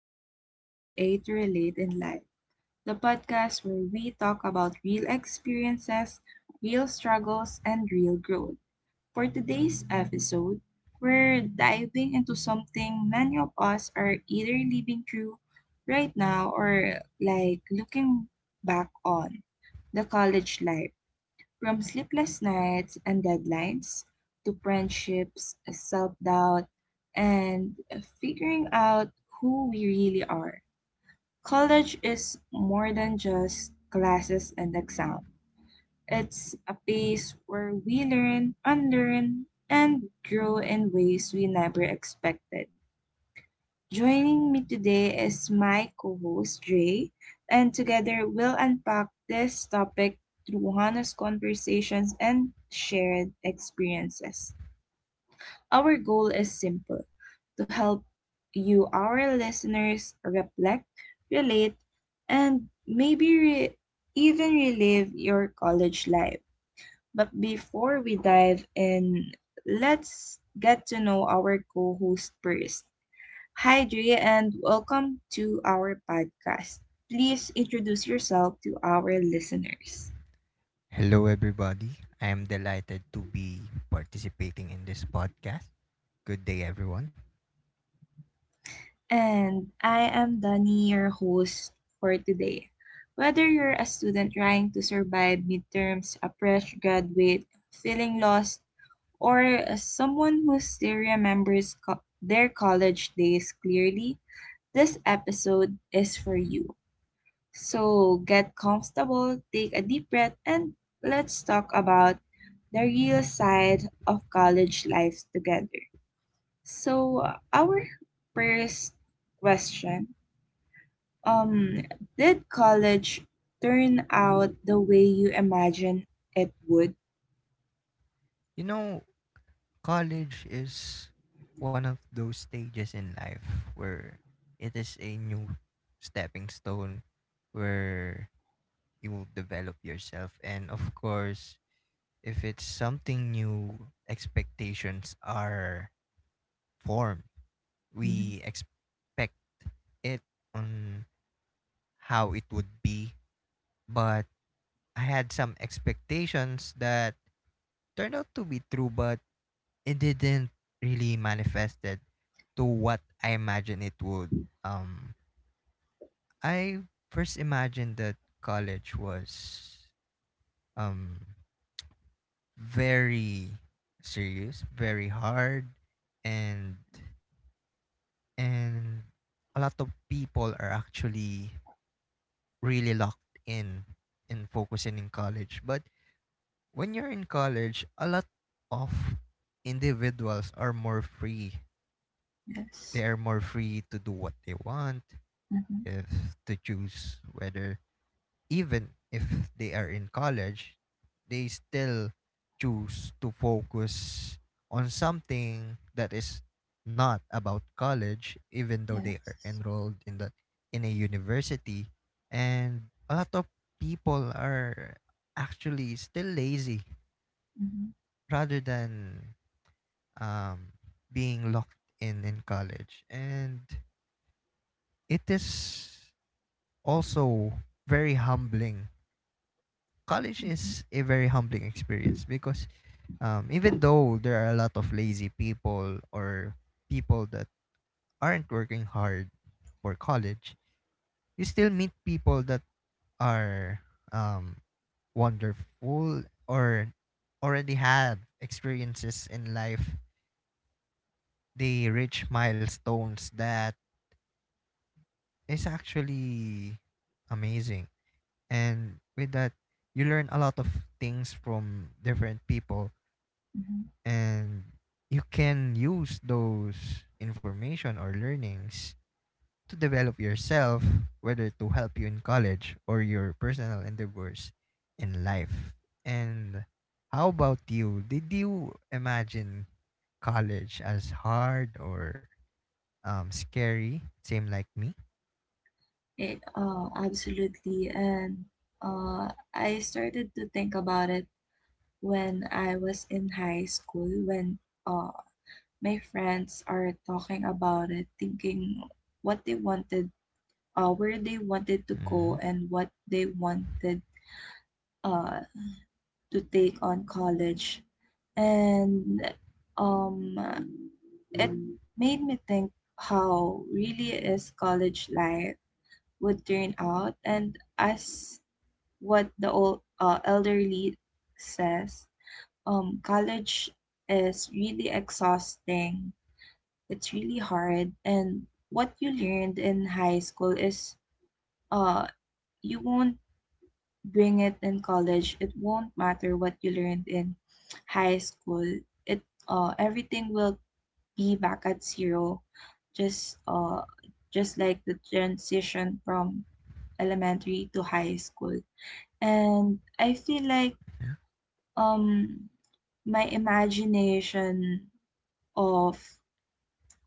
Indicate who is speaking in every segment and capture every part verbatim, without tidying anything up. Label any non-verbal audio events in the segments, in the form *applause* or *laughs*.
Speaker 1: Welcome back to A to Relate in Life, the podcast where we talk about real experiences, real struggles, and real growth. For today's episode, we're diving into something many of us are either living through right now or like looking back on the college life. From sleepless nights and deadlines to friendships, self doubt, and figuring out who we really are. College is more than just classes and exams. It's a place where we learn, unlearn, and grow in ways we never expected. Joining me today is my co host, Jay, and together we'll unpack this topic through honest conversations and shared experiences. Our goal is simple to help you, our listeners, reflect, relate, and maybe re- even relive your college life. But before we dive in, let's get to know our co host first. Hi, Drea, and welcome to our podcast. Please introduce yourself to our listeners.
Speaker 2: Hello, everybody. I am delighted to be participating in this podcast. Good day, everyone.
Speaker 1: And I am Danny, your host for today. Whether you're a student trying to survive midterms, a fresh graduate, feeling lost, or someone who still remembers co- their college days clearly, this episode is for you. So get comfortable, take a deep breath, and let's talk about the real side of college life together. So uh, our first question, um did college turn out the way you imagined it would?
Speaker 2: You know, College is one of those stages in life where it is a new stepping stone where you will develop yourself. And of course, if it's something new, expectations are formed.
Speaker 1: Hmm.
Speaker 2: We expect it on how it would be, but I had some expectations that turned out to be true, but it didn't really manifested to what I imagined it would. Um, I first imagined that college was um very serious, very hard, and and a lot of people are actually really locked in in focusing in college, but when you're in college, a lot of individuals are more free. They
Speaker 1: Yes.
Speaker 2: are more free to do what they want,
Speaker 1: Hmm.
Speaker 2: if to choose whether even if they are in college, they still choose to focus on something that is not about college, even though they are
Speaker 1: Yes.
Speaker 2: enrolled in the in a university. And a lot of people are actually still lazy
Speaker 1: Hmm.
Speaker 2: rather than um, being locked in in college. And it is also very humbling. College
Speaker 1: Hmm.
Speaker 2: is a very humbling experience because um, even though there are a lot of lazy people or people that aren't working hard for college, you still meet people that are um, wonderful or already have experiences in life. They reach milestones that is actually amazing. And with that, you learn a lot of things from different people
Speaker 1: Mhm.
Speaker 2: and you can use those information or learnings to develop yourself, whether to help you in college or your personal endeavors in life. And how about you? Did you imagine college as hard or um, scary? Same like me?
Speaker 1: It, oh, absolutely. And uh, I started to think about it when I was in high school, when uh, my friends are talking about it, thinking what they wanted, uh, where they wanted to
Speaker 2: Mm-hmm.
Speaker 1: go, and what they wanted uh, to take on college. And um, it made me think how really is college life would turn out. And as what the old, uh, elderly says, um, college is really exhausting. It's really hard. And what you learned in high school is, uh you won't bring it in college. It won't matter what you learned in high school. It uh everything will be back at zero. Just uh just like the transition from elementary to high school. And I feel like
Speaker 2: Mm-hmm.
Speaker 1: um my imagination of,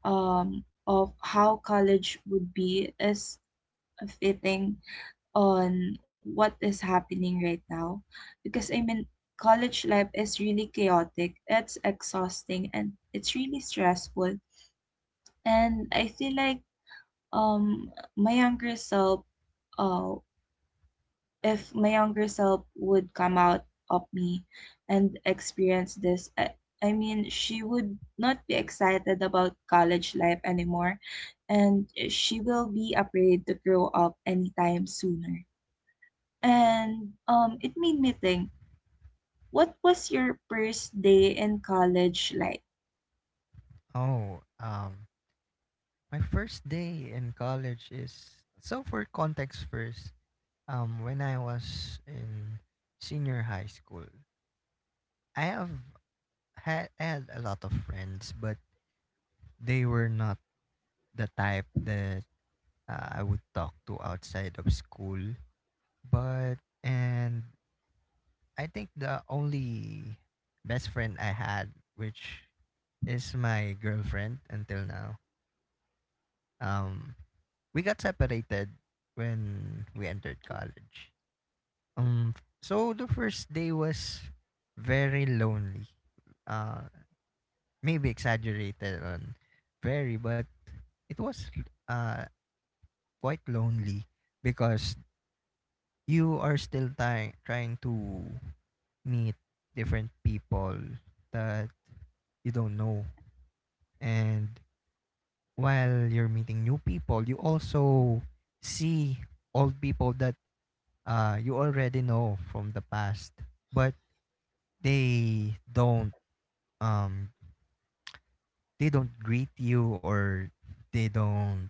Speaker 1: um of how college would be is fitting on what is happening right now, because I mean college life is really chaotic. It's exhausting and it's really stressful. And I feel like um my younger self, uh if my younger self would come out of me and experience this, I, I mean she would not be excited about college life anymore and she will be afraid to grow up anytime sooner. And um, it made me think, what was your first day in college like?
Speaker 2: Oh, um, My first day in college is, so for context first, um when I was in senior high school, I have had I had a lot of friends, but they were not the type that uh, I would talk to outside of school. But and I think the only best friend I had, which is my girlfriend until now. Um we got separated when we entered college. Um, so the first day was very lonely. Uh, maybe exaggerated on very, but it was uh quite lonely because you are still ty- trying to meet different people that you don't know, and while you're meeting new people, you also see old people that uh you already know from the past, but they don't um they don't greet you or they don't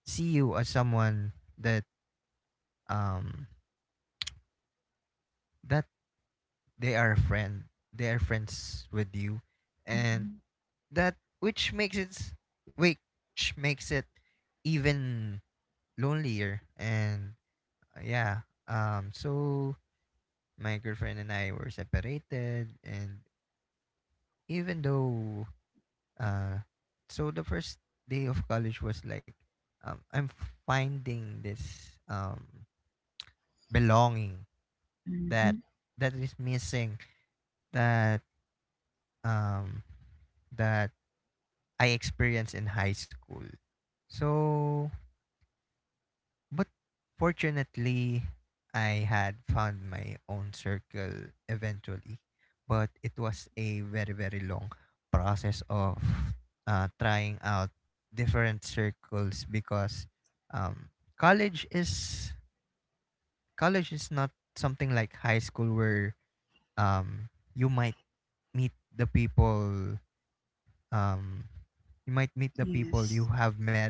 Speaker 2: see you as someone that um that they are a friend they are friends with you, and
Speaker 1: Mhm,
Speaker 2: that which makes it s- which makes it even lonelier. And uh, yeah. Um so my girlfriend and I were separated. And even though uh so the first day of college was like um I'm finding this um belonging that
Speaker 1: mhm.
Speaker 2: that is missing, that um that I experienced in high school. So, but fortunately, I had found my own circle eventually. But it was a very, very long process of uh, trying out different circles because um, college is college is not something like high school where um, you might meet the people um you might meet the people you
Speaker 1: Yes,
Speaker 2: have met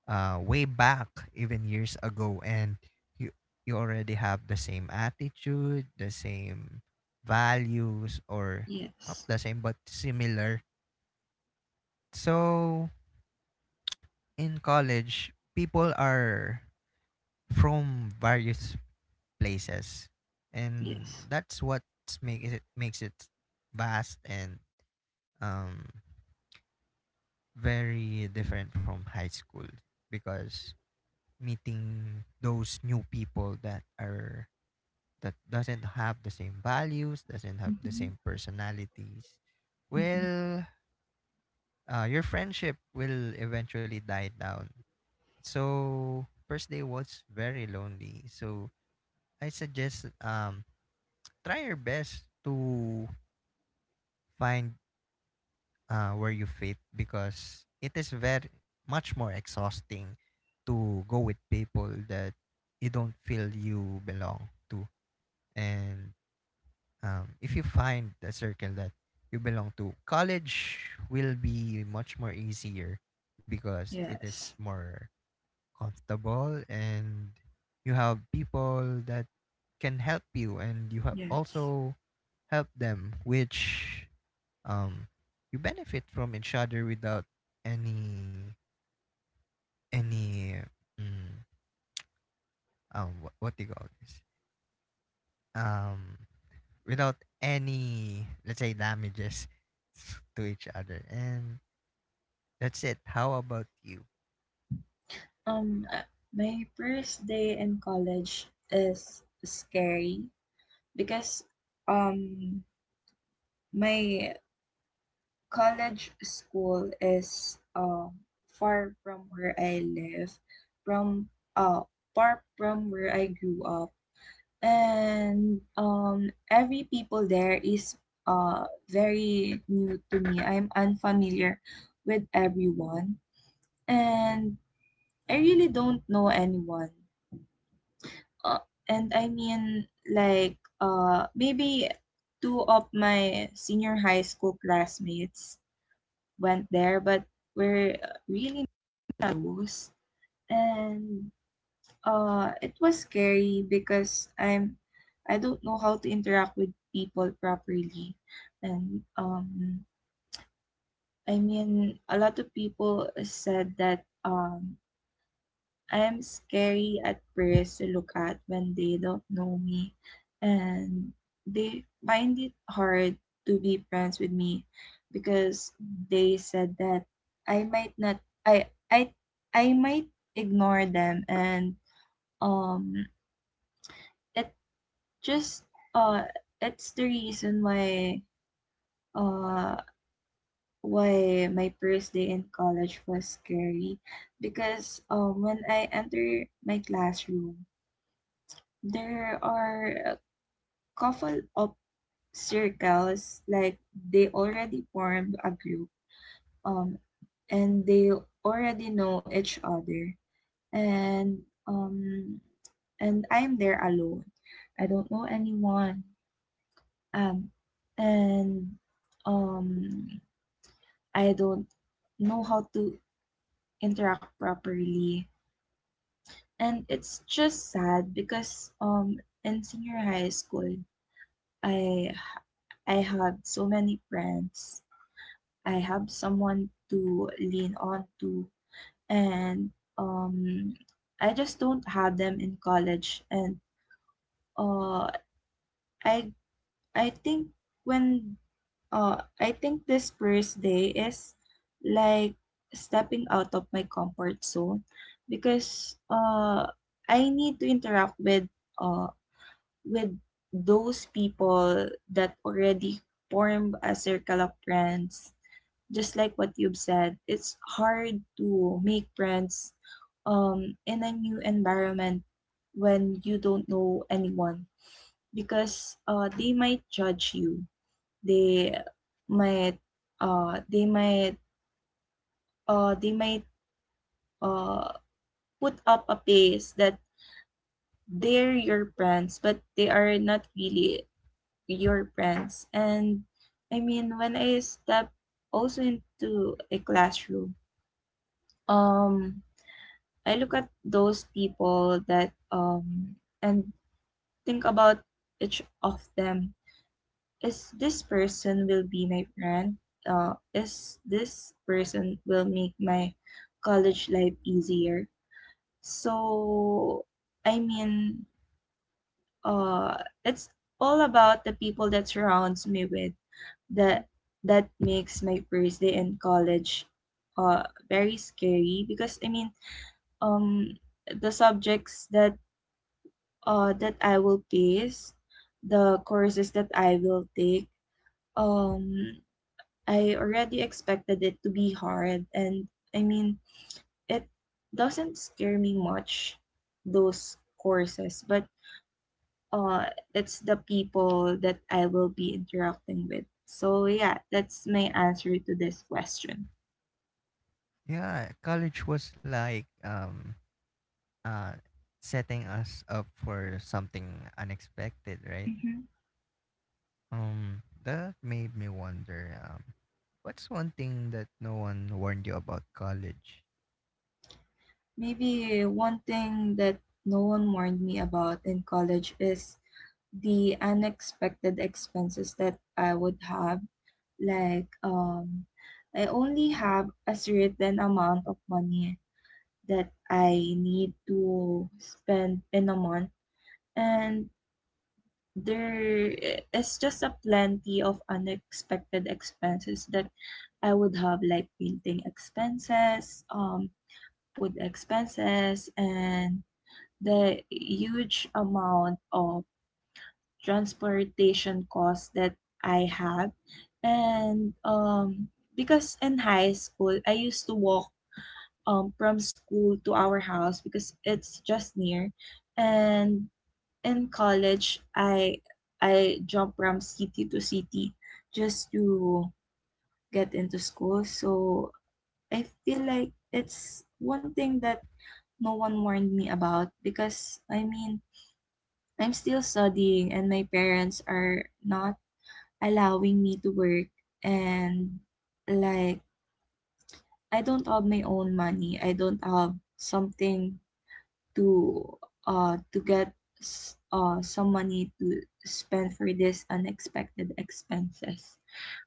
Speaker 2: uh way back even years ago, and you you already have the same attitude, the same values, or not
Speaker 1: yes,
Speaker 2: the same but similar. So in college, people are from various places, and
Speaker 1: yes.
Speaker 2: that's what makes it makes it vast and um very different from high school because meeting those new people that are that doesn't have the same values, doesn't have the
Speaker 1: Mhm,
Speaker 2: same personalities,
Speaker 1: mhm.
Speaker 2: well, uh, your friendship will eventually die down. So first day was very lonely. So I suggest, um try your best to find uh, where you fit, because it is very much more exhausting to go with people that you don't feel you belong to. And um, if you find a circle that you belong to, college will be much more easier because it is
Speaker 1: Yes,
Speaker 2: more comfortable, and you have people that can help you, and you have
Speaker 1: yes.
Speaker 2: also help them, which um you benefit from each other without any any mm, um what, what do you call this, um without any, let's say, damages *laughs* to each other. And that's it. How about you?
Speaker 1: Um, uh, my first day in college is scary because um my college school is uh, far from where I live, from uh, far from where I grew up, and um, every people there is uh, very new to me. I'm unfamiliar with everyone, and I really don't know anyone. Uh, and I mean, like, uh, maybe two of my senior high school classmates went there, but we're, uh, really not close. And uh, it was scary because, I'm I don't know how to interact with people properly, and um, I mean a lot of people said that um I'm scary at first to look at when they don't know me, and they find it hard to be friends with me because they said that I might not, I I I might ignore them, and um it just uh it's the reason why uh why my first day in college was scary, because um when I enter my classroom there are a couple of circles like they already formed a group, um and they already know each other, and um and I'm there alone. I don't know anyone. Um and um I don't know how to interact properly. And it's just sad because um in senior high school, I I have so many friends. I have someone to lean on to, and um, I just don't have them in college. And uh, I I think when uh, I think this first day is like stepping out of my comfort zone, because uh, I need to interact with, uh, with those people that already formed a circle of friends. Just like what you've said, it's hard to make friends um, in a new environment when you don't know anyone, because uh, they might judge you. They might uh, they might uh, they might uh, put up a face that they're your friends, but they are not really your friends. And I mean, when I step also into a classroom, um, I look at those people that um and think about each of them. Is this person will be my friend? Uh, is this person will make my college life easier? So I mean, uh, it's all about the people that surrounds me with that that makes my first day in college uh very scary, because I mean um the subjects that uh, that I will pace, the courses that I will take, um, I already expected it to be hard. And I mean, it doesn't scare me much, those courses, but uh, it's the people that I will be interacting with. So, yeah, that's my answer to this question.
Speaker 2: Yeah, college was like um uh setting us up for something unexpected, right?
Speaker 1: Mhm.
Speaker 2: Um that made me wonder, um what's one thing that no one warned you about college?
Speaker 1: Maybe one thing that no one warned me about in college is the unexpected expenses that I would have. Like, um, I only have a certain amount of money that I need to spend in a month, and there is just a plenty of unexpected expenses that I would have, like painting expenses, um, food expenses, and the huge amount of transportation costs that I have. And um, because in high school, I used to walk, um, from school to our house because it's just near. And in college, I I jump from city to city just to get into school. So I feel like it's one thing that no one warned me about, because I mean I'm still studying and my parents are not allowing me to work, and like I don't have my own money. I don't have something to uh to, get s- uh some money to spend for this unexpected expenses.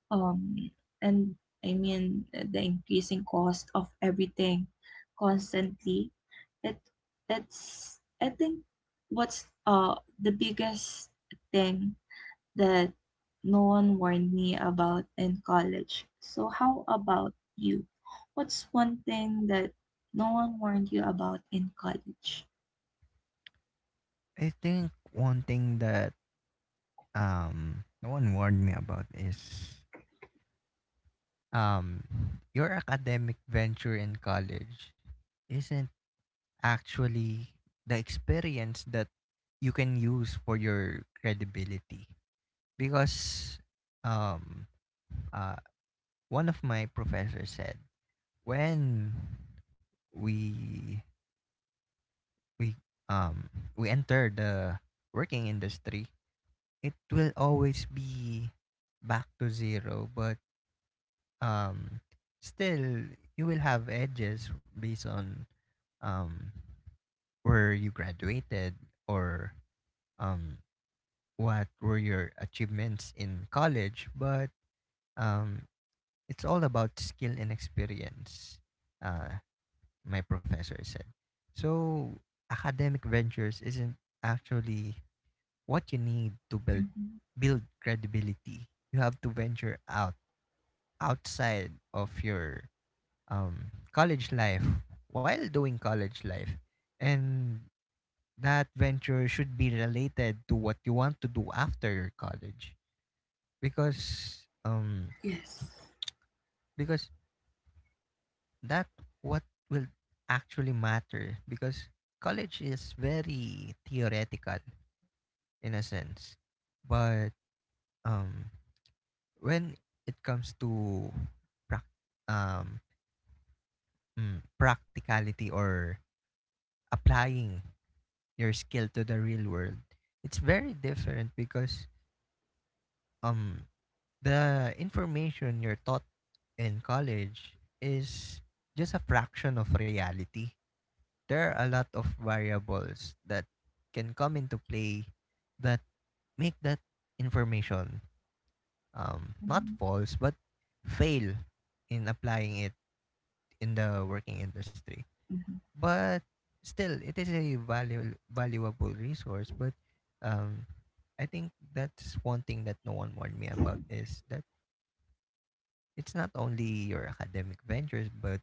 Speaker 1: Um and I mean the increasing cost of everything constantly. It it's, I think, what's uh the biggest thing that no one warned me about in college. So, how about you? What's one thing that no one warned you about in college?
Speaker 2: I think one thing that um no one warned me about is um your academic venture in college isn't actually the experience that you can use for your credibility, because um uh one of my professors said when we we um we enter the working industry, it will always be back to zero, but um still you will have edges based on um where you graduated or um what were your achievements in college, but um it's all about skill and experience, uh my professor said. So academic ventures isn't actually what you need to build
Speaker 1: Mm-hmm.
Speaker 2: build credibility. You have to venture out outside of your um, college life while doing college life, and that venture should be related to what you want to do after your college, because um
Speaker 1: Yes.
Speaker 2: because that what will actually matter, because college is very theoretical in a sense, but um when it comes to prac um mm, practicality or applying your skill to the real world, it's very different, because um the information you're taught in college is just a fraction of reality. There are a lot of variables that can come into play that make that information um, not
Speaker 1: Mm-hmm.
Speaker 2: false but fail in applying it in the working industry.
Speaker 1: Mm-hmm.
Speaker 2: But still, it is a valuable valuable resource. But um, I think that's one thing that no one warned me about, is that it's not only your academic ventures, but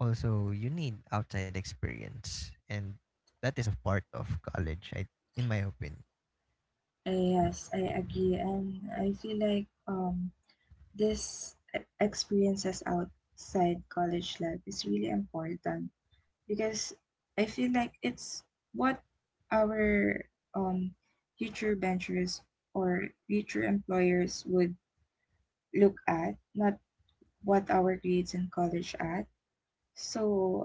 Speaker 2: also you need outside experience, and that is a part of college. I, in my opinion,
Speaker 1: Yes, I agree. And I feel like um, this, e- experiences outside college life is really important, because I feel like it's what our, um, future ventures or future employers would look at, not what our grades in college at. So,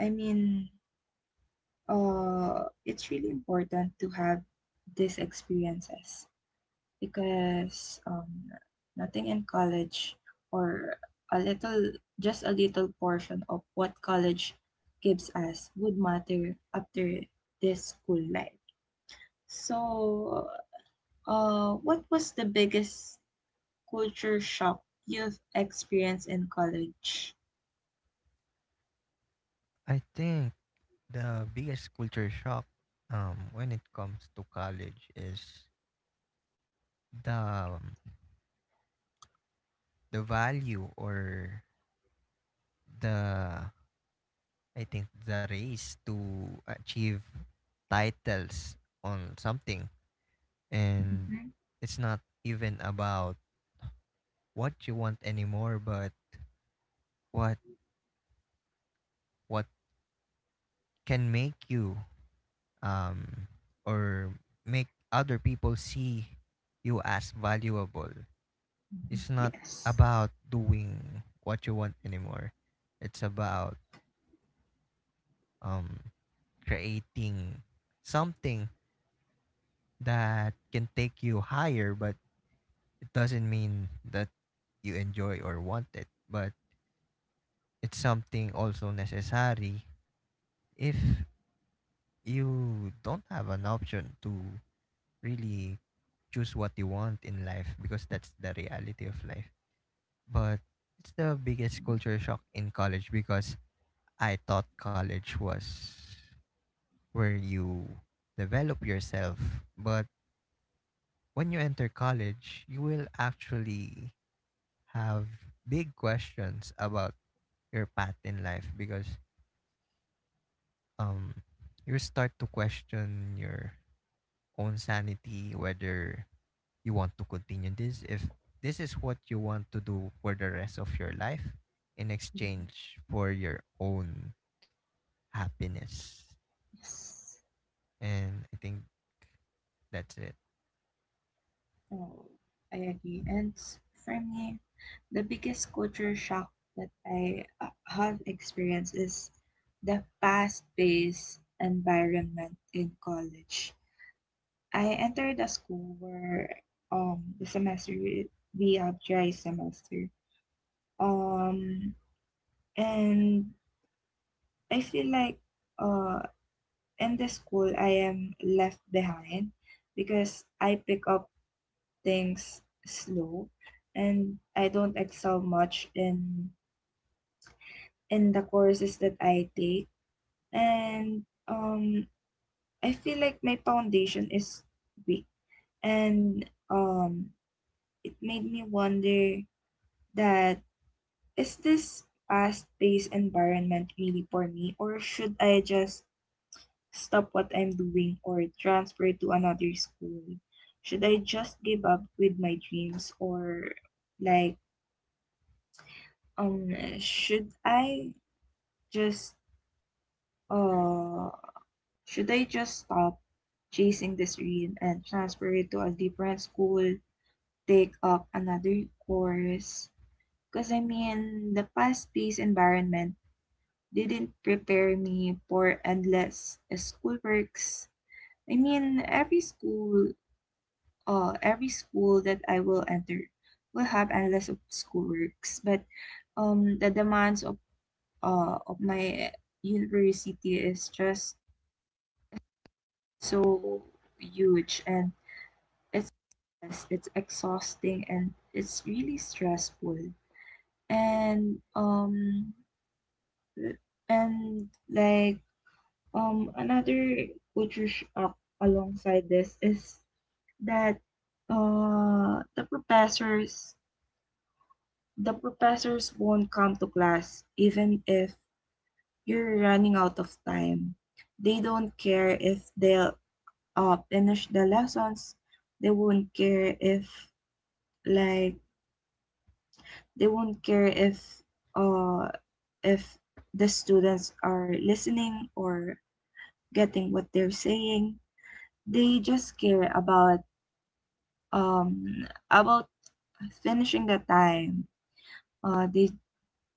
Speaker 1: I mean, uh, it's really important to have these experiences. Because um, nothing in college, or a little, just a little portion of what college gives us would matter after this school life. So, uh, what was the biggest culture shock you've experienced in college?
Speaker 2: I think the biggest culture shock um, when it comes to college is the um, the value, or the I think the race to achieve titles on something. And
Speaker 1: Mhm.
Speaker 2: it's not even about what you want anymore, but what what can make you um or make other people see you as valuable. It's not
Speaker 1: Yes.
Speaker 2: about doing what you want anymore. It's about um creating something that can take you higher, but it doesn't mean that you enjoy or want it. But it's something also necessary if you don't have an option to really choose what you want in life, because that's the reality of life. But it's the biggest culture shock in college because I thought college was where you develop yourself, but when you enter college, you will actually have big questions about your path in life, because um you start to question your own sanity, whether you want to continue this, if this is what you want to do for the rest of your life in
Speaker 1: Mhm.
Speaker 2: exchange for your own happiness.
Speaker 1: Yes.
Speaker 2: And I think that's it.
Speaker 1: Oh, I agree. And s- for me, the biggest culture shock that I, uh, have experienced is the fast-paced environment in college. I entered a school where, um the semester, we have dry semester. Um and I feel like uh in the school I am left behind, because I pick up things slow and I don't excel much in, in the courses that I take, and um I feel like my foundation is weak, and um it made me wonder that, is this fast paced environment really for me, or should I just stop what I'm doing or transfer to another school? Should I just give up with my dreams, or like, um, should I just, uh, should I just stop chasing this dream and transfer it to a different school, take up another course? Because I mean, the fast paced environment didn't prepare me for endless schoolworks. I mean, every school, uh, every school that I will enter will have endless of schoolworks, but um, the demands of uh, of my university is just so huge, and it's it's exhausting and it's really stressful, and um and like um another culture shock alongside this is that, uh the professors the professors won't come to class even if you're running out of time, they don't care if they'll, uh, finish the lessons, they won't care if like they won't care if, uh if the students are listening or getting what they're saying. They just care about, Um, about finishing the time, uh, they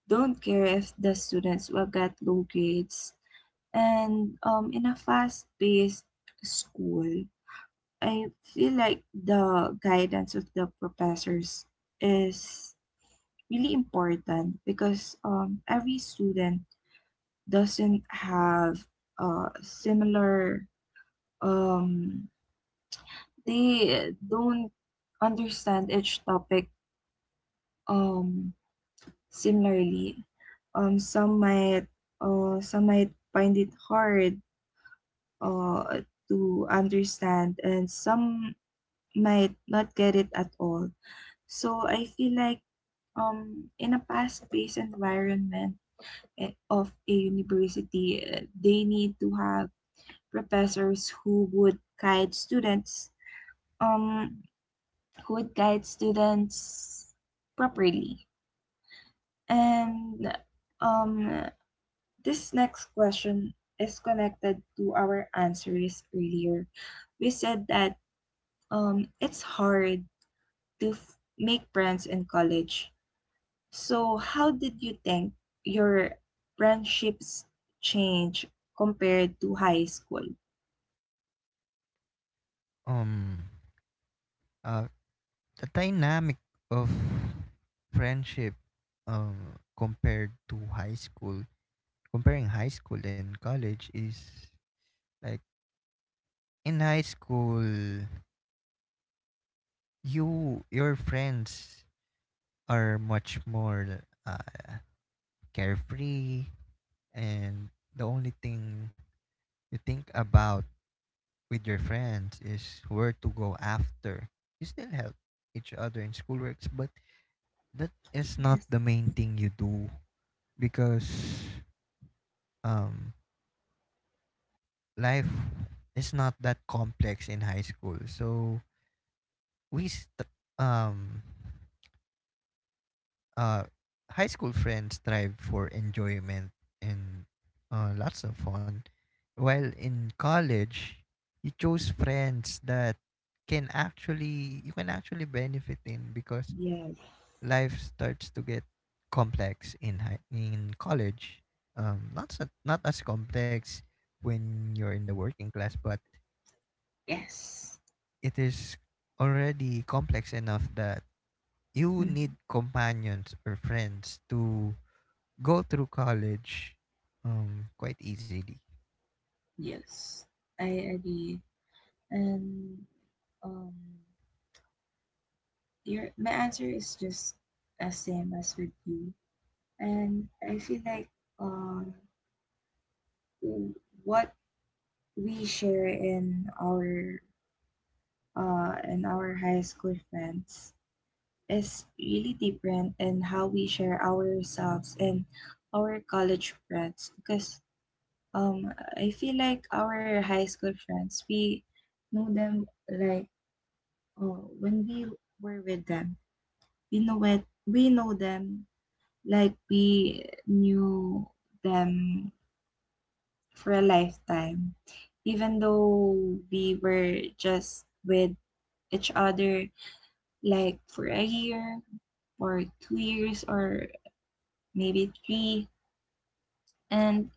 Speaker 1: don't care if the students will get low grades. And um, in a fast paced school, I feel like the guidance of the professors is really important, because um, every student doesn't have, uh, similar, um, they don't understand each topic um Similarly, um, some might uh, some might find it hard, uh, to understand, and some might not get it at all. So I feel like um, in a fast-paced environment eh, of a university, eh, they need to have professors who would guide students, um, who would guide students properly, and, um, this next question is connected to our answers earlier. We said that um, it's hard to f- make friends in college. So, how did you think your friendships change compared to high school?
Speaker 2: um uh the dynamic of friendship um compared to high school comparing high school and college is like, in high school, you your friends are much more uh, carefree, and the only thing you think about with your friends is where to go after. You still help each other in schoolworks, but that is not
Speaker 1: Yes.
Speaker 2: the main thing you do because um, life is not that complex in high school. So we st- um uh, high school friends strive for enjoyment and uh, lots of fun, while in college, you chose friends that can actually you can actually benefit in, because
Speaker 1: Yes.
Speaker 2: life starts to get complex in high, in college. Um, not so, not as complex when you're in the working class, but
Speaker 1: Yes.
Speaker 2: it is already complex enough that you need
Speaker 1: Mhm.
Speaker 2: companions or friends to go through college um quite easily.
Speaker 1: Yes. I agree. And um your my answer is just as same as with you. And I feel like um, what we share in our uh, in our high school friends is really different in how we share ourselves and our college friends because um I feel like our high school friends, we know them, like uh, when we were with them we know it we know them like we knew them for a lifetime. Even though we were just with each other like for a year or two years or maybe three. And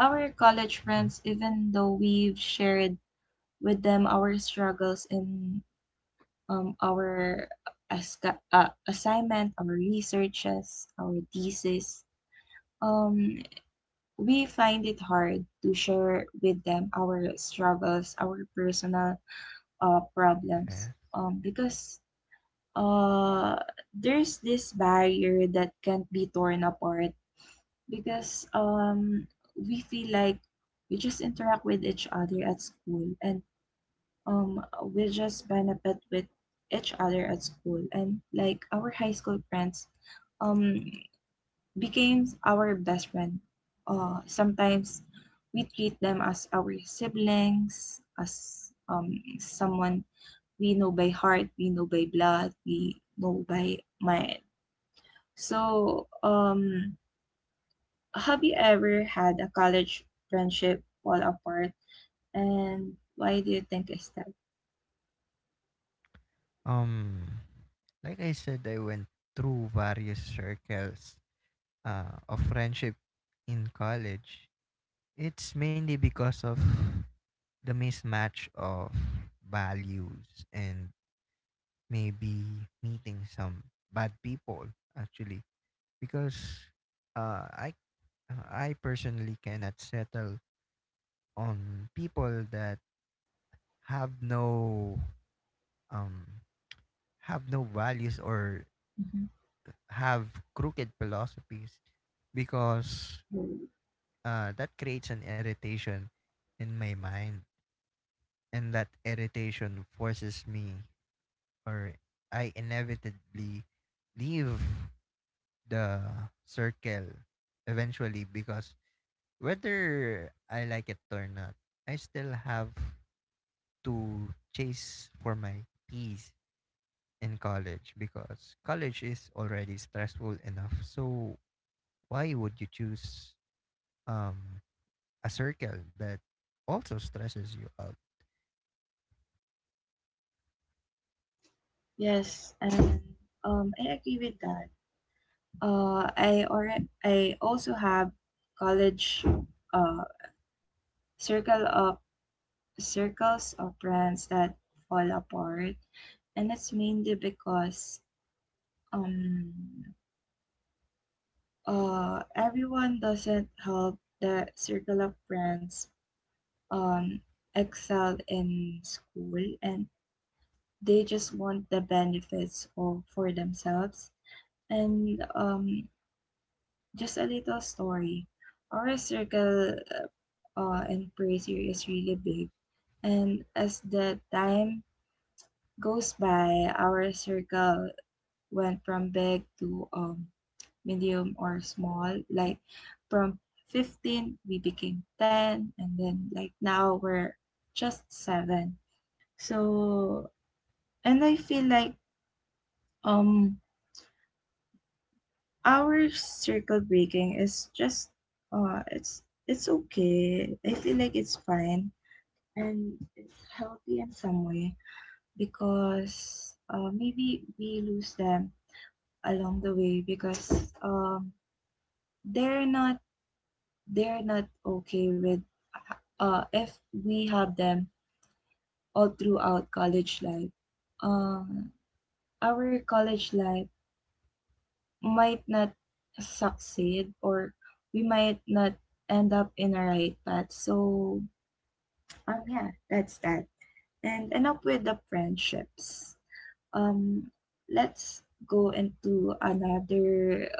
Speaker 1: our college
Speaker 2: Mhm.
Speaker 1: friends, even though we've shared with them our struggles in, um, our asca- uh, assignment, our researches, our thesis, um, we find it hard to share with them our struggles, our personal uh, problems,
Speaker 2: Yes.
Speaker 1: um, because uh, there's this barrier that can't be torn apart because, um, we feel like we just interact with each other at school and, um, we just benefit with each other at school, and like our high school friends um, became our best friend. Uh, sometimes we treat them as our siblings, as um, someone we know by heart, we know by blood, we know by mind. So, um, have you ever had a college friendship fall apart, and why do you think is that?
Speaker 2: Um, like I said, I went through various circles uh of friendship in college. It's mainly because of the mismatch of values, and maybe meeting some bad people actually, because uh I I personally cannot settle on people that have no um have no values or
Speaker 1: Mhm.
Speaker 2: have crooked philosophies, because
Speaker 1: Mm.
Speaker 2: uh, that creates an irritation in my mind, and that irritation forces me, or I inevitably leave the circle eventually, because whether I like it or not, I still have to chase for my peace in college, because college is already stressful enough. So why would you choose um, a circle that also stresses you out?
Speaker 1: Yes, and um, I agree with that. Uh, I already, I also have college, uh circle of circles of friends that fall apart, and it's mainly because um uh, everyone doesn't help that circle of friends um, excel in school, and they just want the benefits of, for themselves. And um, just a little story. Our circle uh, in prayer is really big. And as the time goes by, our circle went from big to, um, medium or small, like from fifteen we became ten and then like now we're just seven. So, and I feel like um our circle breaking is just, uh it's it's okay, I feel like it's fine and it's healthy in some way because uh, maybe we lose them along the way because um they're not they're not okay with, uh, if we have them all throughout college life, um, our college life might not succeed, or we might not end up in a right path. So, um, yeah, that's that. And enough with the friendships. Um, let's go into another,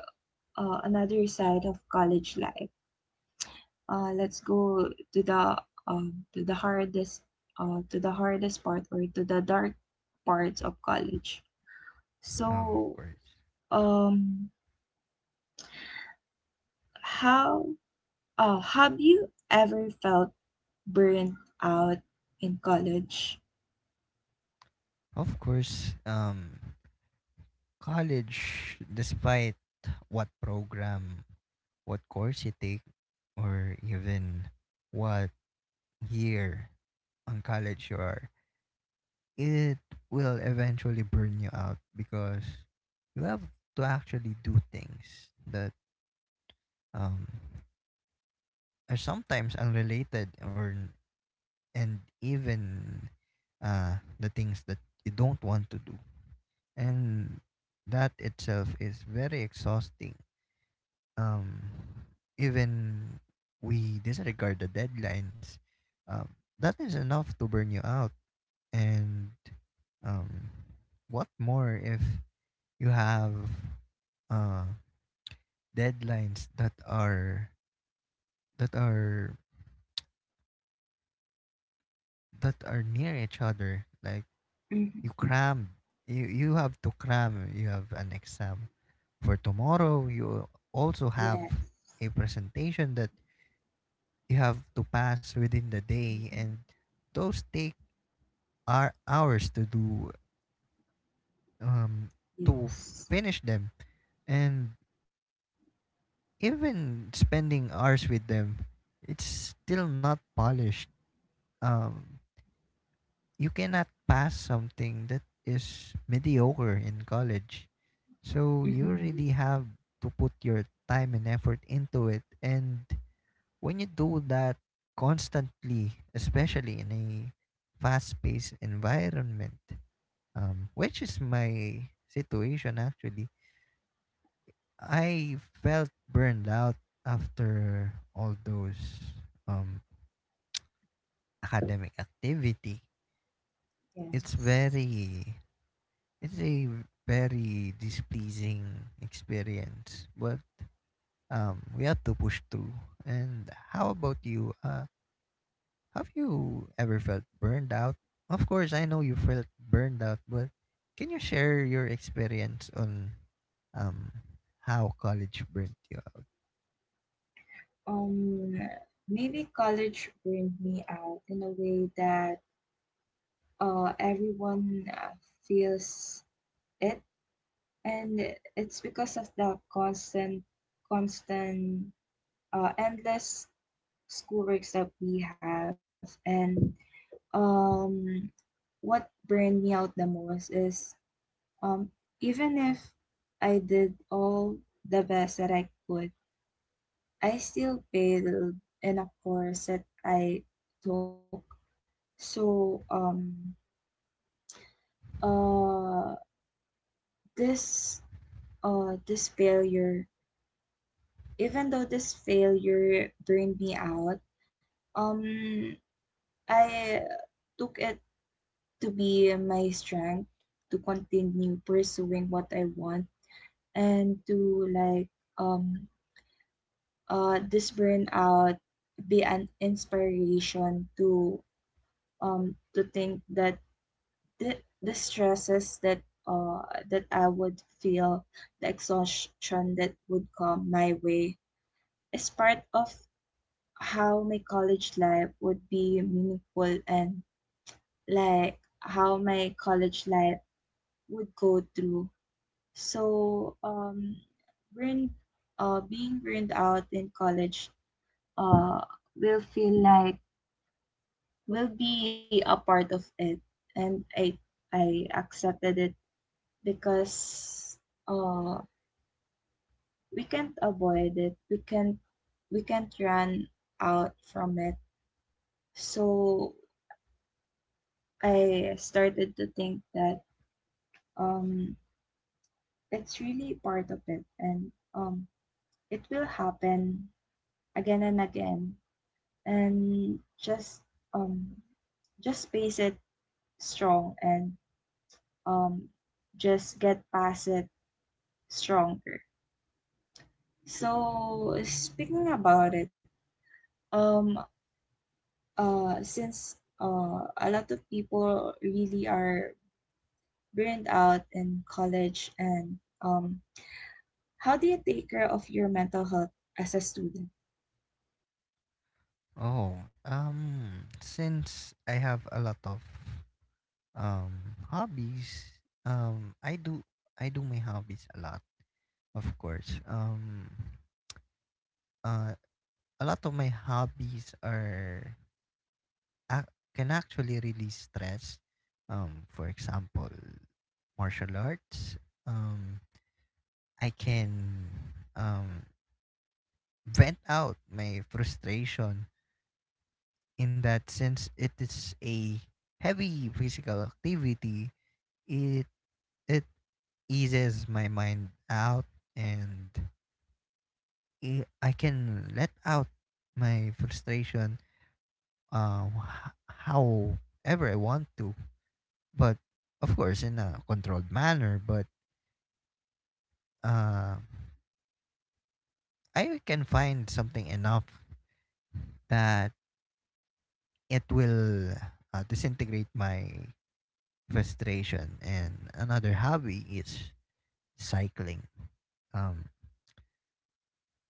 Speaker 1: uh, another side of college life. Uh, let's go to the um, to the hardest uh, to the hardest part, or to the dark parts of college.
Speaker 2: Oh, of
Speaker 1: So,
Speaker 2: course.
Speaker 1: um, how, uh, have you ever felt burnt out in college?
Speaker 2: Of course, um, college, despite what program, what course you take, or even what year on college you are, it will eventually burn you out because you have to actually do things that um, are sometimes unrelated, or and even uh, the things that you don't want to do. And that itself is very exhausting. Um, even we disregard the deadlines, um, that is enough to burn you out. And um, what more if you have uh, deadlines that are that are that are near each other like you
Speaker 1: Mm-hmm.
Speaker 2: cram you you have to cram. You have an exam for tomorrow, you also have
Speaker 1: Yes.
Speaker 2: a presentation that you have to pass within the day, and those take our hours to do, um to f-
Speaker 1: Yes.
Speaker 2: finish them. And even spending hours with them, it's still not polished. um you cannot pass something that is mediocre in college. So you
Speaker 1: Mm-hmm. Yes.
Speaker 2: really have to put your time and effort into it. And when you do that constantly, especially in a fast paced environment, um, which is my situation actually, I felt burned out after all those um, academic activity.
Speaker 1: Yes.
Speaker 2: It's very It's a very displeasing experience, but um, we have to push through. And how about you? Uh, have you ever felt burned out? Of course, I know you felt burned out, but can you share your experience on um, how college burnt you out?
Speaker 1: Um, maybe college burned me out in a way that uh everyone uh, feels it, and it's because of the constant constant uh, endless schoolworks that we have, and um what burned me out the most is, um even if I did all the best that I could, I still failed in a course that I took. So um uh this uh this failure, even though this failure burned me out, Um, I took it to be my strength to continue pursuing what I want, and to, like, um uh this burnout be an inspiration to, um to think that the, the stresses that uh that I would feel, the exhaustion that would come my way, is part of how my college life would be meaningful, and like how my college life would go through. So um, burn, uh, being burned out in college uh, will feel like will be a part of it, and I I accepted it because, uh, we can't avoid it. We can't we can't run out from it. So I started to think that, um, it's really part of it, and, um, it will happen again and again, and just um just face it strong and um just get past it stronger. So speaking about it, um uh since uh a lot of people really are burned out in college, and um how do you take care of your mental health as a student?
Speaker 2: Oh, um, since I have a lot of um hobbies, um, I do I do my hobbies a lot, of course. Um, uh, a lot of my hobbies are ac can actually release stress. Um, for example, martial arts. Um, I can um, vent out my frustration in that since it is a heavy physical activity, it it eases my mind out, and i I can let out my frustration um, h- however I want to, but of course in a controlled manner. But uh, I can find something enough that it will, uh, disintegrate my frustration. And another hobby is cycling. um,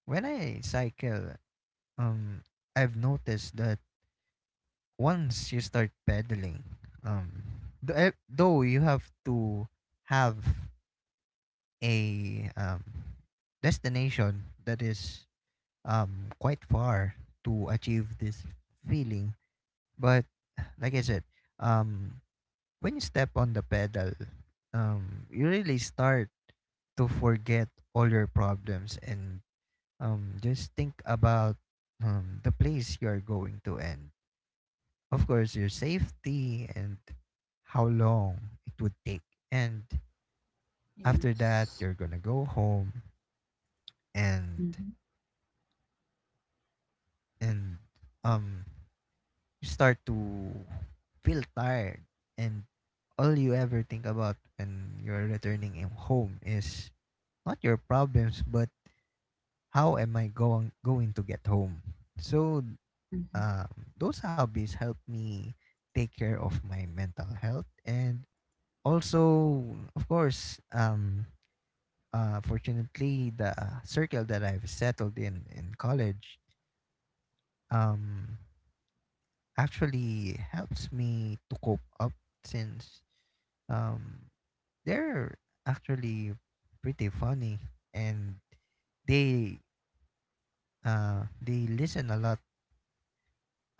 Speaker 2: when I cycle, um, I've noticed that once you start pedaling, um, th- though you have to have a, um, destination that is um, quite far to achieve this feeling. But like I said, um, when you step on the pedal, um, you really start to forget all your problems and um, just think about um, the place you are going to, and of course your safety, and how long it would take. And
Speaker 1: Yeah.
Speaker 2: after that, you're gonna go home. And
Speaker 1: Mhm,
Speaker 2: and um you start to feel tired, and all you ever think about when you're returning in- home is not your problems but how am I going going to get home. So
Speaker 1: mhm.
Speaker 2: um, those hobbies help me take care of my mental health. And also, of course, um uh fortunately, the circle that I've settled in in college um actually helps me to cope up, since um they're actually pretty funny, and they, uh they listen a lot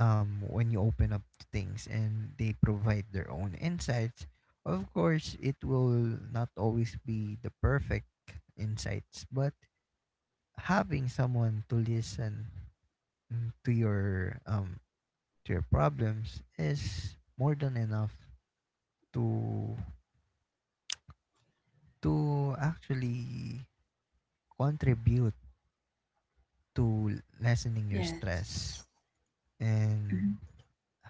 Speaker 2: um when you open up to things, and they provide their own insights. Of course, it will not always be the perfect insights, but having someone to listen, mm, to your um to your problems, is more than enough to to actually contribute to lessening your
Speaker 1: Yes.
Speaker 2: stress.
Speaker 1: Mhm.
Speaker 2: And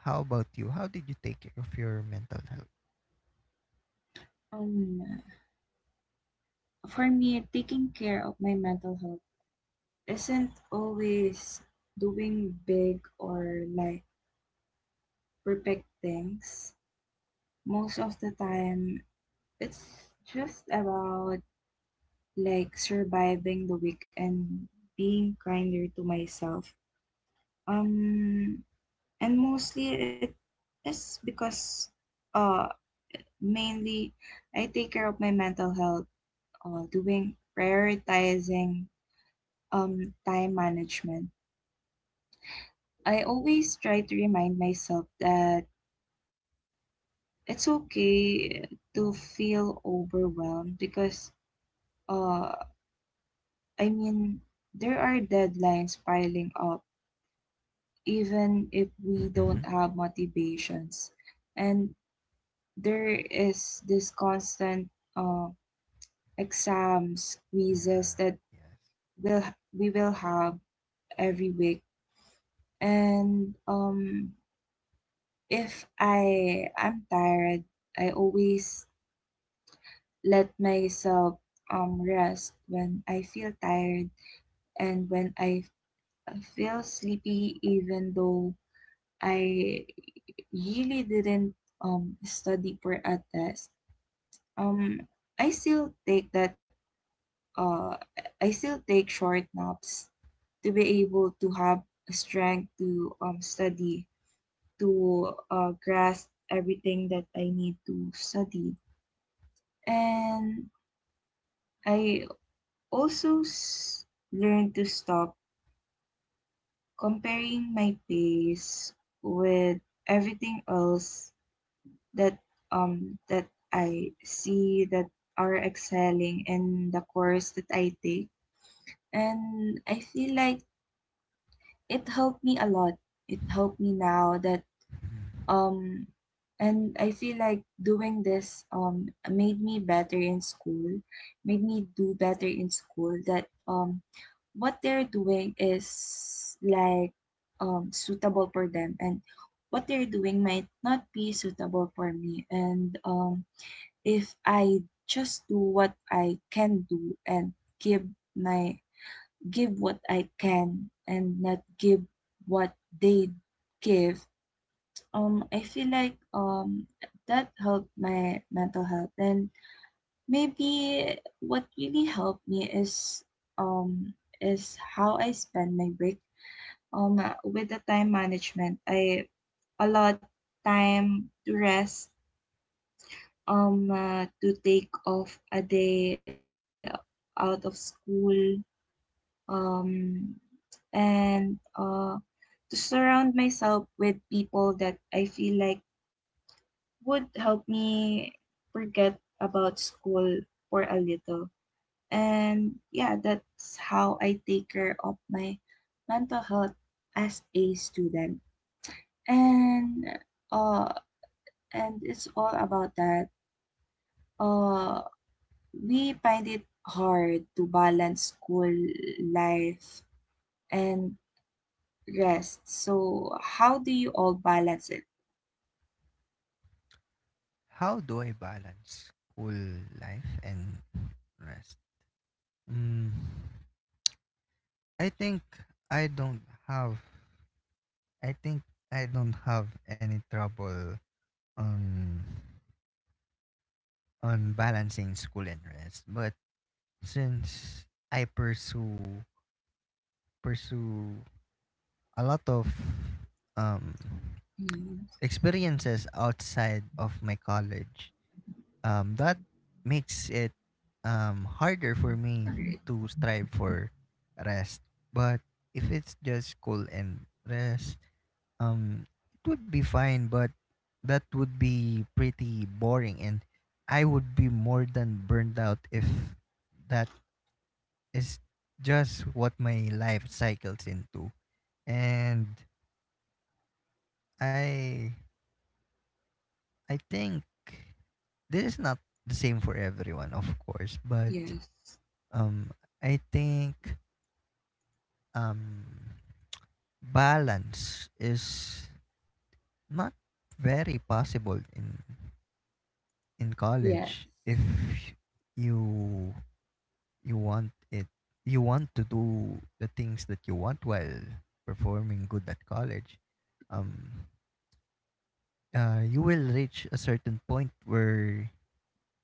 Speaker 2: how about you? How did you take care of your mental health?
Speaker 1: Um, for me, taking care of my mental health isn't always doing big or like perfect things. Most of the time, it's just about, like, surviving the week and being kinder to myself. Um, and mostly it is because uh mainly I take care of my mental health uh, doing prioritizing, um, time management. I always try to remind myself that it's okay to feel overwhelmed because, uh, I mean, there are deadlines piling up, even if we
Speaker 2: Mhm.
Speaker 1: don't have motivations. And there is this constant, uh, exams, quizzes
Speaker 2: Yeah.
Speaker 1: that
Speaker 2: Yes.
Speaker 1: will we will have every week. And, um, if I am tired, I always let myself um rest when I feel tired and when I feel sleepy, even though I really didn't um study for a test. Um I still take that uh I still take short naps to be able to have strength to um study, to uh grasp everything that I need to study. And I also s- learned to stop comparing my pace with everything else that um that I see that are excelling in the course that I take. And I feel like it helped me a lot. It helped me now that. Um, and I feel like doing this um made me better in school, made me do better in school, that um what they're doing is, like, um suitable for them, and what they're doing might not be suitable for me, and um if I just do what I can do and give my give what I can and not give what they give, um, I feel like um that helped my mental health, and maybe what really helped me is um is how I spend my break. Um, with the time management, I allot time to rest. Um, uh, to take off a day out of school. Um, and uh, to surround myself with people that I feel like would help me forget about school for a little. And yeah, that's how I take care of my mental health as a student. And uh and it's all about that. Uh we find it hard to balance school life and rest. So how do you all balance it?
Speaker 2: How do I balance school life and rest? Mm, I think I don't have. I think I don't have any trouble on on balancing school and rest. But since I pursue pursue a lot of um
Speaker 1: Yes.
Speaker 2: experiences outside of my college. Um, that makes it um, harder for me
Speaker 1: All right.
Speaker 2: to strive for rest. But if it's just school and rest, um, it would be fine, but that would be pretty boring, and I would be more than burned out if that is just what my life cycles into. And I I think this is not the same for everyone, of course, but
Speaker 1: Yes.
Speaker 2: um, I think um, balance is not very possible in in college
Speaker 1: Yes.
Speaker 2: if you you want it you want to do the things that you want while performing good at college. um uh, you will reach a certain point where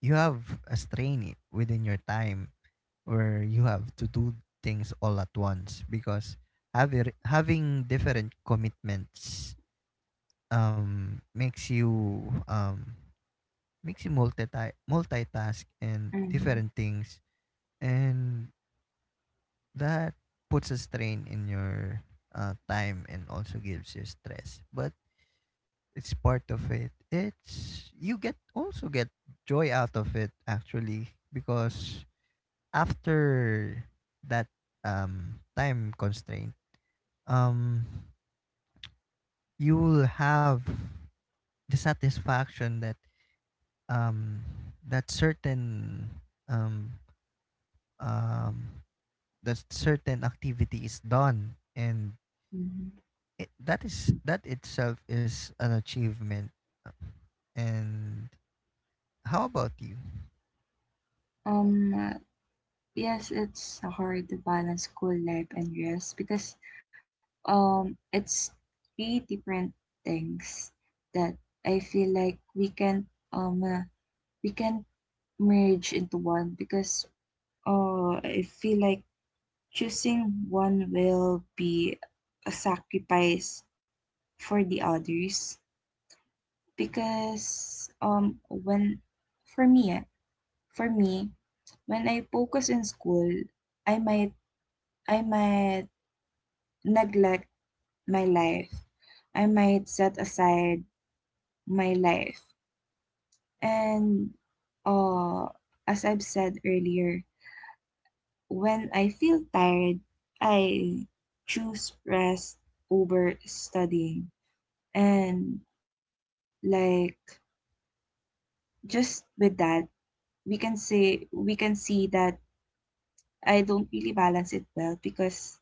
Speaker 2: you have a strain i- within your time where you have to do things all at once, because having having different commitments um makes you um makes you multi multitask and different
Speaker 1: Mhm,
Speaker 2: things. And that puts a strain in your uh, time and also gives you stress. But it's part of it. It's you get also get joy out of it actually, because after that um time constraint, um you will have the satisfaction that um that certain um um that certain activity is done. And
Speaker 1: mhm.
Speaker 2: it, that is that itself is an achievement. And how about you?
Speaker 1: Um, uh, yes, it's hard to balance school life and rest because, um, it's three different things that I feel like we can, um uh, we can merge into one, because uh, I feel like choosing one will be a sacrifice for the others, because um when, for me eh, for me when I focus in school, I might I might neglect my life, I might set aside my life, and uh as I've said earlier, when I feel tired I choose rest over studying. And, like, just with that we can say we can see that I don't really balance it well because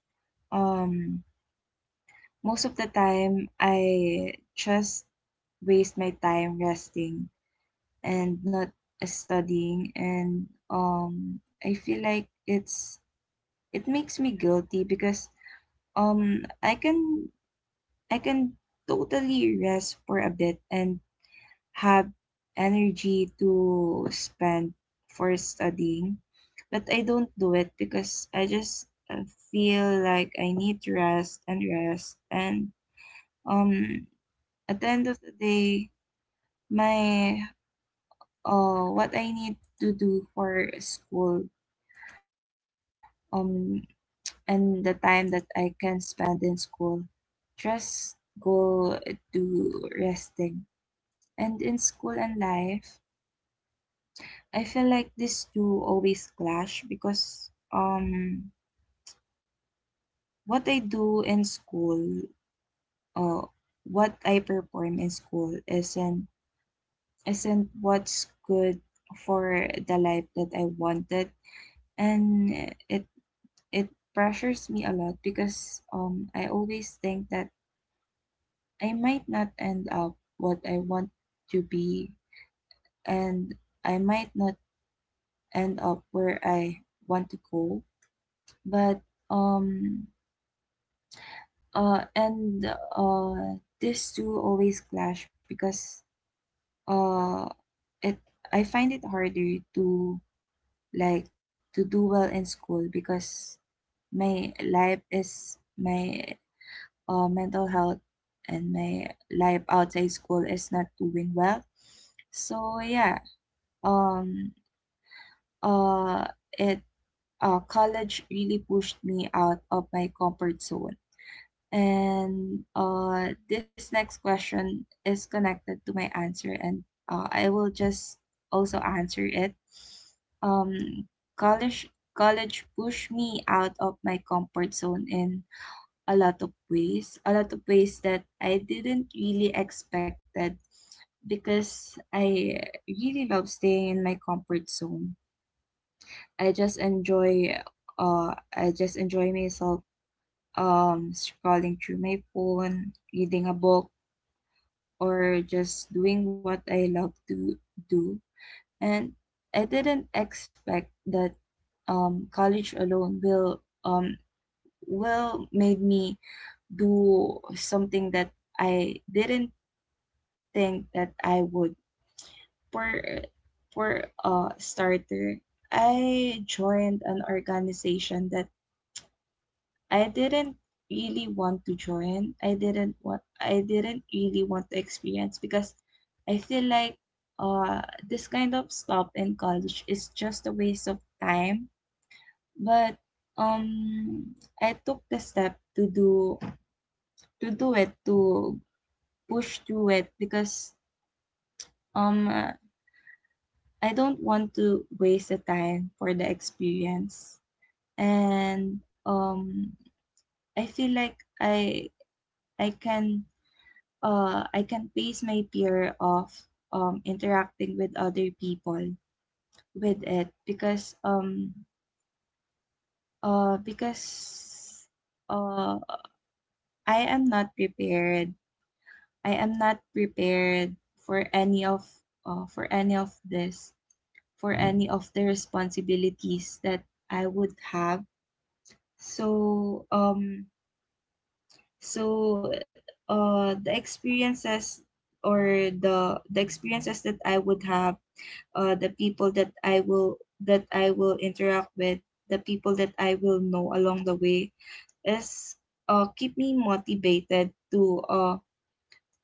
Speaker 1: um most of the time I just waste my time resting and not studying, and um I feel like it's it makes me guilty because um i can i can totally rest for a bit and have energy to spend for studying. But I don't do it because I just, uh, feel like I need to rest and rest. And, um, at the end of the day, my uh, what I need to do for school um and the time that I can spend in school just go to resting. And in school and life, I feel like these two always clash because um what I do in school, uh what I perform in school isn't isn't what's good for the life that I wanted, and it it pressures me a lot because um I always think that I might not end up what I want to be, and I might not end up where I want to go, but, um uh, and uh, these two always clash because uh, it I find it harder to, like, to do well in school because my life is my, uh, mental health, and my life outside school is not doing well. So yeah, um, uh, it uh, college really pushed me out of my comfort zone. And uh, this next question is connected to my answer, and uh, I will just also answer it. Um, college college pushed me out of my comfort zone in a lot of ways, a lot of ways that I didn't really expected, because I really love staying in my comfort zone. I just enjoy uh I just enjoy myself um, scrolling through my phone, reading a book, or just doing what I love to do. And I didn't expect that um, college alone will um, will made me do something that I didn't think that I would. For for a starter, I joined an organization that I didn't really want to join. I didn't want I didn't really want to experience because I feel like uh this kind of stop in college is just a waste of time. But um I took the step to do to do it to push through it because um I don't want to waste the time for the experience. And um I feel like I I can uh, I can pace my fear of um, interacting with other people with it because um uh because uh I am not prepared. I am not prepared for any of uh, for any of this for any of the responsibilities that I would have. So um so uh the experiences or the the experiences that I would have, uh, the people that I will that I will interact with, the people that I will know along the way, is uh, keep me motivated to uh,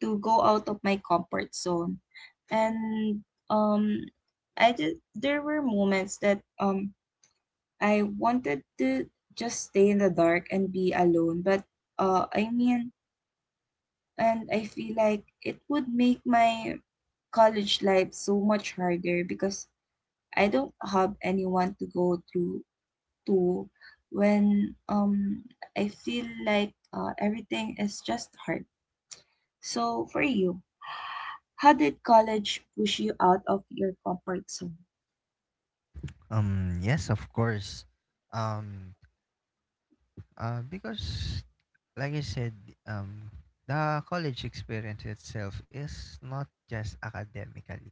Speaker 1: to go out of my comfort zone, and um, I just there were moments that um I wanted to just stay in the dark and be alone, but uh, I mean, and I feel like it would make my college life so much harder because I don't have anyone to go through to when um I feel like uh, everything is just hard. So, for you, how did college push you out of your comfort zone?
Speaker 2: um Yes, of course. um uh because like I said, um the college experience itself is not just academically,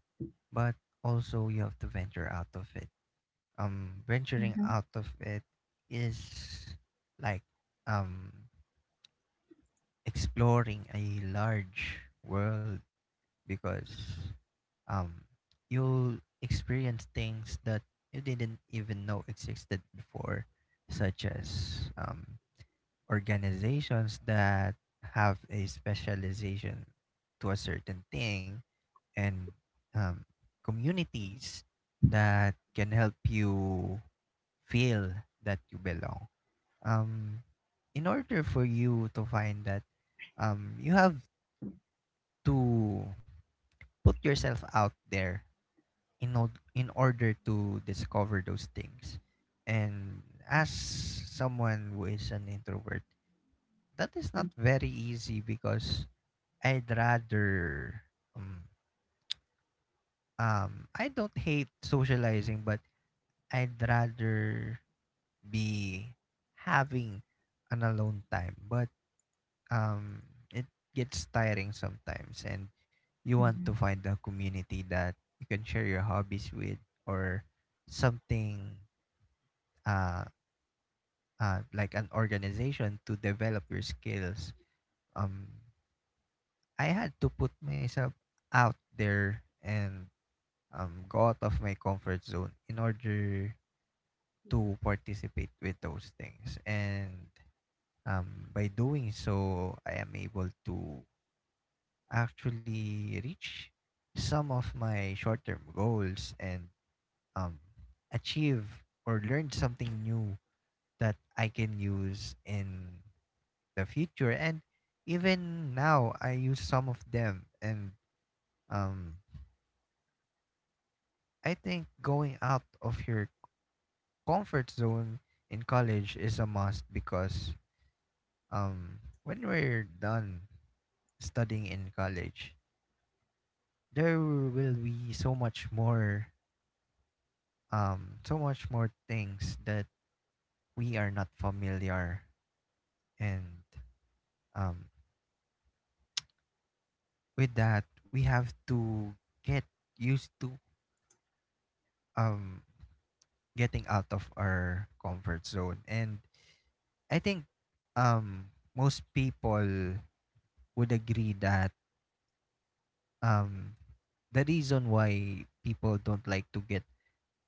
Speaker 2: but also you have to venture out of it. Um,
Speaker 1: Mm-hmm.
Speaker 2: venturing out of it is like um exploring a large world, because um you'll experience things that you didn't even know existed before, such as um organizations that have a specialization to a certain thing, and um, communities that can help you feel that you belong. Um, in order for you to find that, um, you have to put yourself out there in, od- in order to discover those things. And as someone who is an introvert, that is not very easy because I'd rather um, um I don't hate socializing, but I'd rather be having an alone time. But um, it gets tiring sometimes, and
Speaker 1: Mm-hmm.
Speaker 2: you want to find a community that you can share your hobbies with, or something, uh, uh, like an organization to develop your skills. Um, I had to put myself out there and um, go out of my comfort zone in order to participate with those things. And um, by doing so, I am able to actually reach some of my short-term goals, and um, achieve or learn something new that I can use in the future. And even now, I use some of them. And um, I think going out of your comfort zone in college is a must, because um, when we're done studying in college, there will be so much more um so much more things that we are not familiar and um with, that we have to get used to. um Getting out of our comfort zone, and I think um most people would agree that um the reason why people don't like to get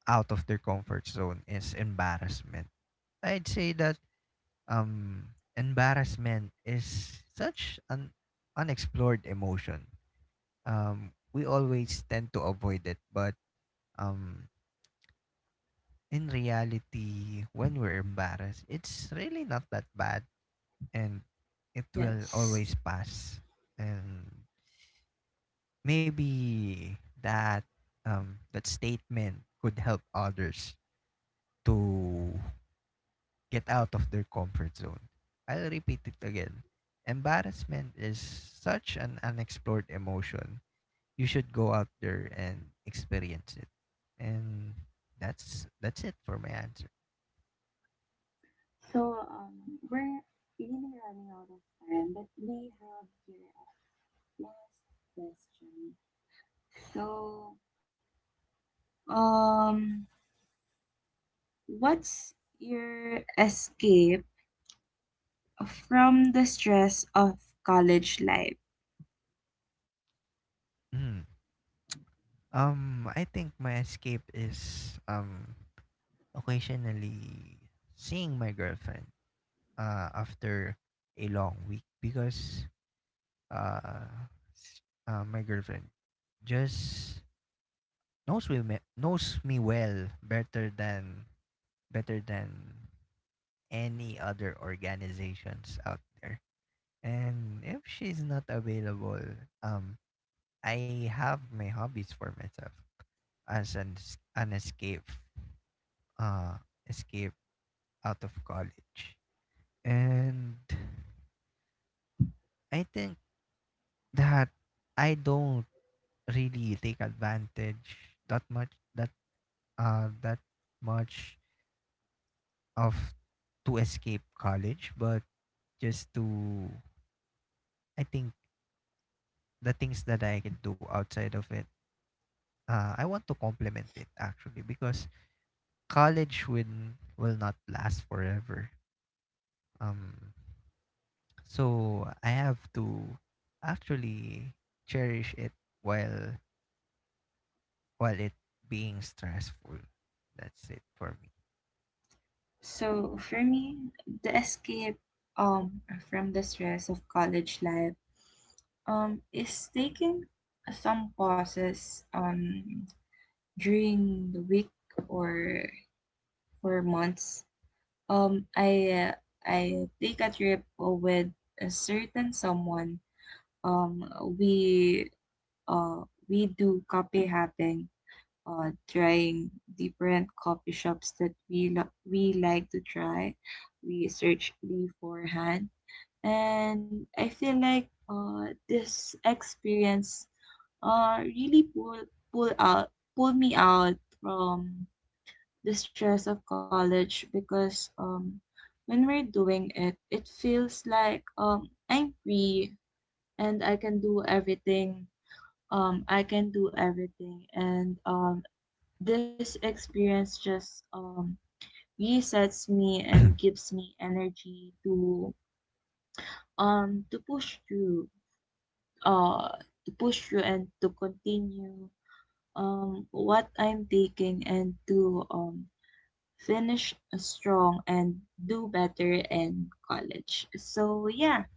Speaker 2: out of their comfort zone is embarrassment. I'd say that um embarrassment is such an unexplored emotion. Um we always tend to avoid it, but um in reality, when we're embarrassed, it's really not that bad, and it will
Speaker 1: Yes.
Speaker 2: always pass. And maybe that um that statement could help others to get out of their comfort zone. I'll repeat it again. Embarrassment is such an unexplored emotion. You should go out there and experience it. And that's that's it for my answer.
Speaker 1: So, um, we're really running out of time, but we have here last question. So, um, what's your escape from the stress of college life?
Speaker 2: Mm. Um I think my escape is um occasionally seeing my girlfriend uh after a long week, because uh, s- uh my girlfriend just knows me me- knows me well, better than better than any other organizations out there. And if she's not available, um, I have my hobbies for myself as an es- an escape, uh, escape out of college. And I think that I don't really take advantage that much, that uh that much of, to escape college, but just to, I think, the things that I can do outside of it. Uh, I want to complement it actually, because college will will not last forever. Um, so I have to actually cherish it while while it being stressful. That's it for me.
Speaker 1: So, for me, the escape um from the stress of college life um is taking some pauses um during the week or for months. Um, I uh, I take a trip, uh, with a certain someone. Um, we uh we do coffee hopping. Uh, trying different coffee shops that we lo- we like to try. We search beforehand, and I feel like uh this experience uh really pull pull out pull me out from the stress of college because um when we're doing it, it feels like um I'm free and I can do everything. Um I can do everything, and um this experience just um resets me and gives me energy to um to push through uh to push through and to continue um what I'm taking and to um finish strong and do better in college. So yeah,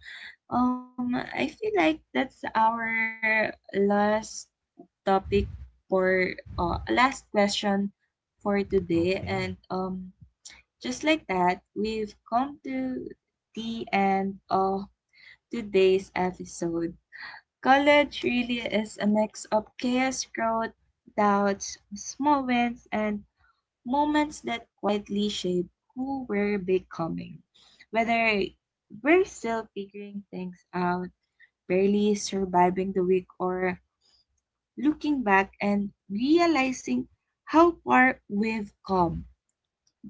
Speaker 1: um, I feel like that's our last topic for uh, last question for today,
Speaker 2: Okay.
Speaker 1: and um, just like that, we've come to the end of today's episode. College really is a mix of chaos, growth, doubts, small wins, and moments that quietly shape who we're becoming. Whether we're still figuring things out, barely surviving the week, or looking back and realizing how far we've come.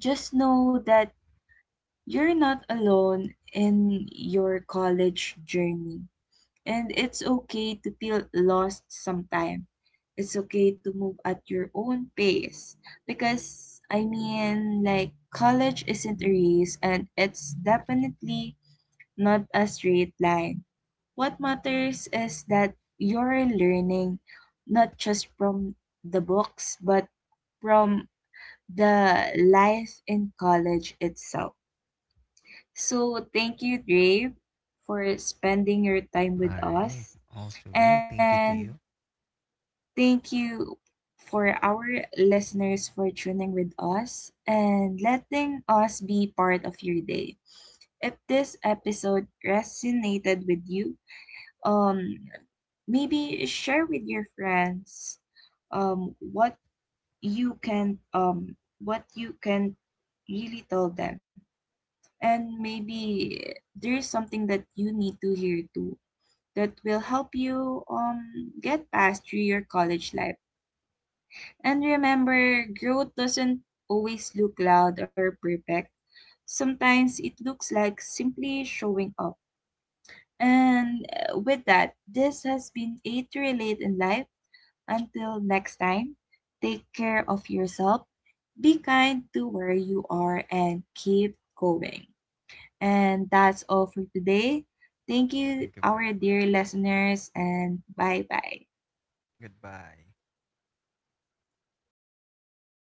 Speaker 1: Just know that you're not alone in your college journey. And it's okay to feel lost sometimes. It's okay to move at your own pace. Because, I mean, like, college isn't a race and it's definitely not a straight line. What matters is that you're learning not just from the books, but from the life in college itself. So, thank you, Dave, for spending your time
Speaker 2: All
Speaker 1: with
Speaker 2: right.
Speaker 1: us.
Speaker 2: Also, you. Thank you
Speaker 1: And
Speaker 2: to you.
Speaker 1: thank you for our listeners for tuning with us and letting us be part of your day. If this episode resonated with you, um, maybe share with your friends um, what you can um, what you can really tell them, and maybe there's something that you need to hear too that will help you um, get past through your college life. And remember, growth doesn't always look loud or perfect. Sometimes it looks like simply showing up. And uh, with that, this has been A to Relate in Life. Until next time, take care of yourself, be kind to where you are, and keep going. And that's all for today. Thank you,
Speaker 2: Thank you very
Speaker 1: our dear
Speaker 2: much.
Speaker 1: listeners, and bye bye.
Speaker 2: Goodbye.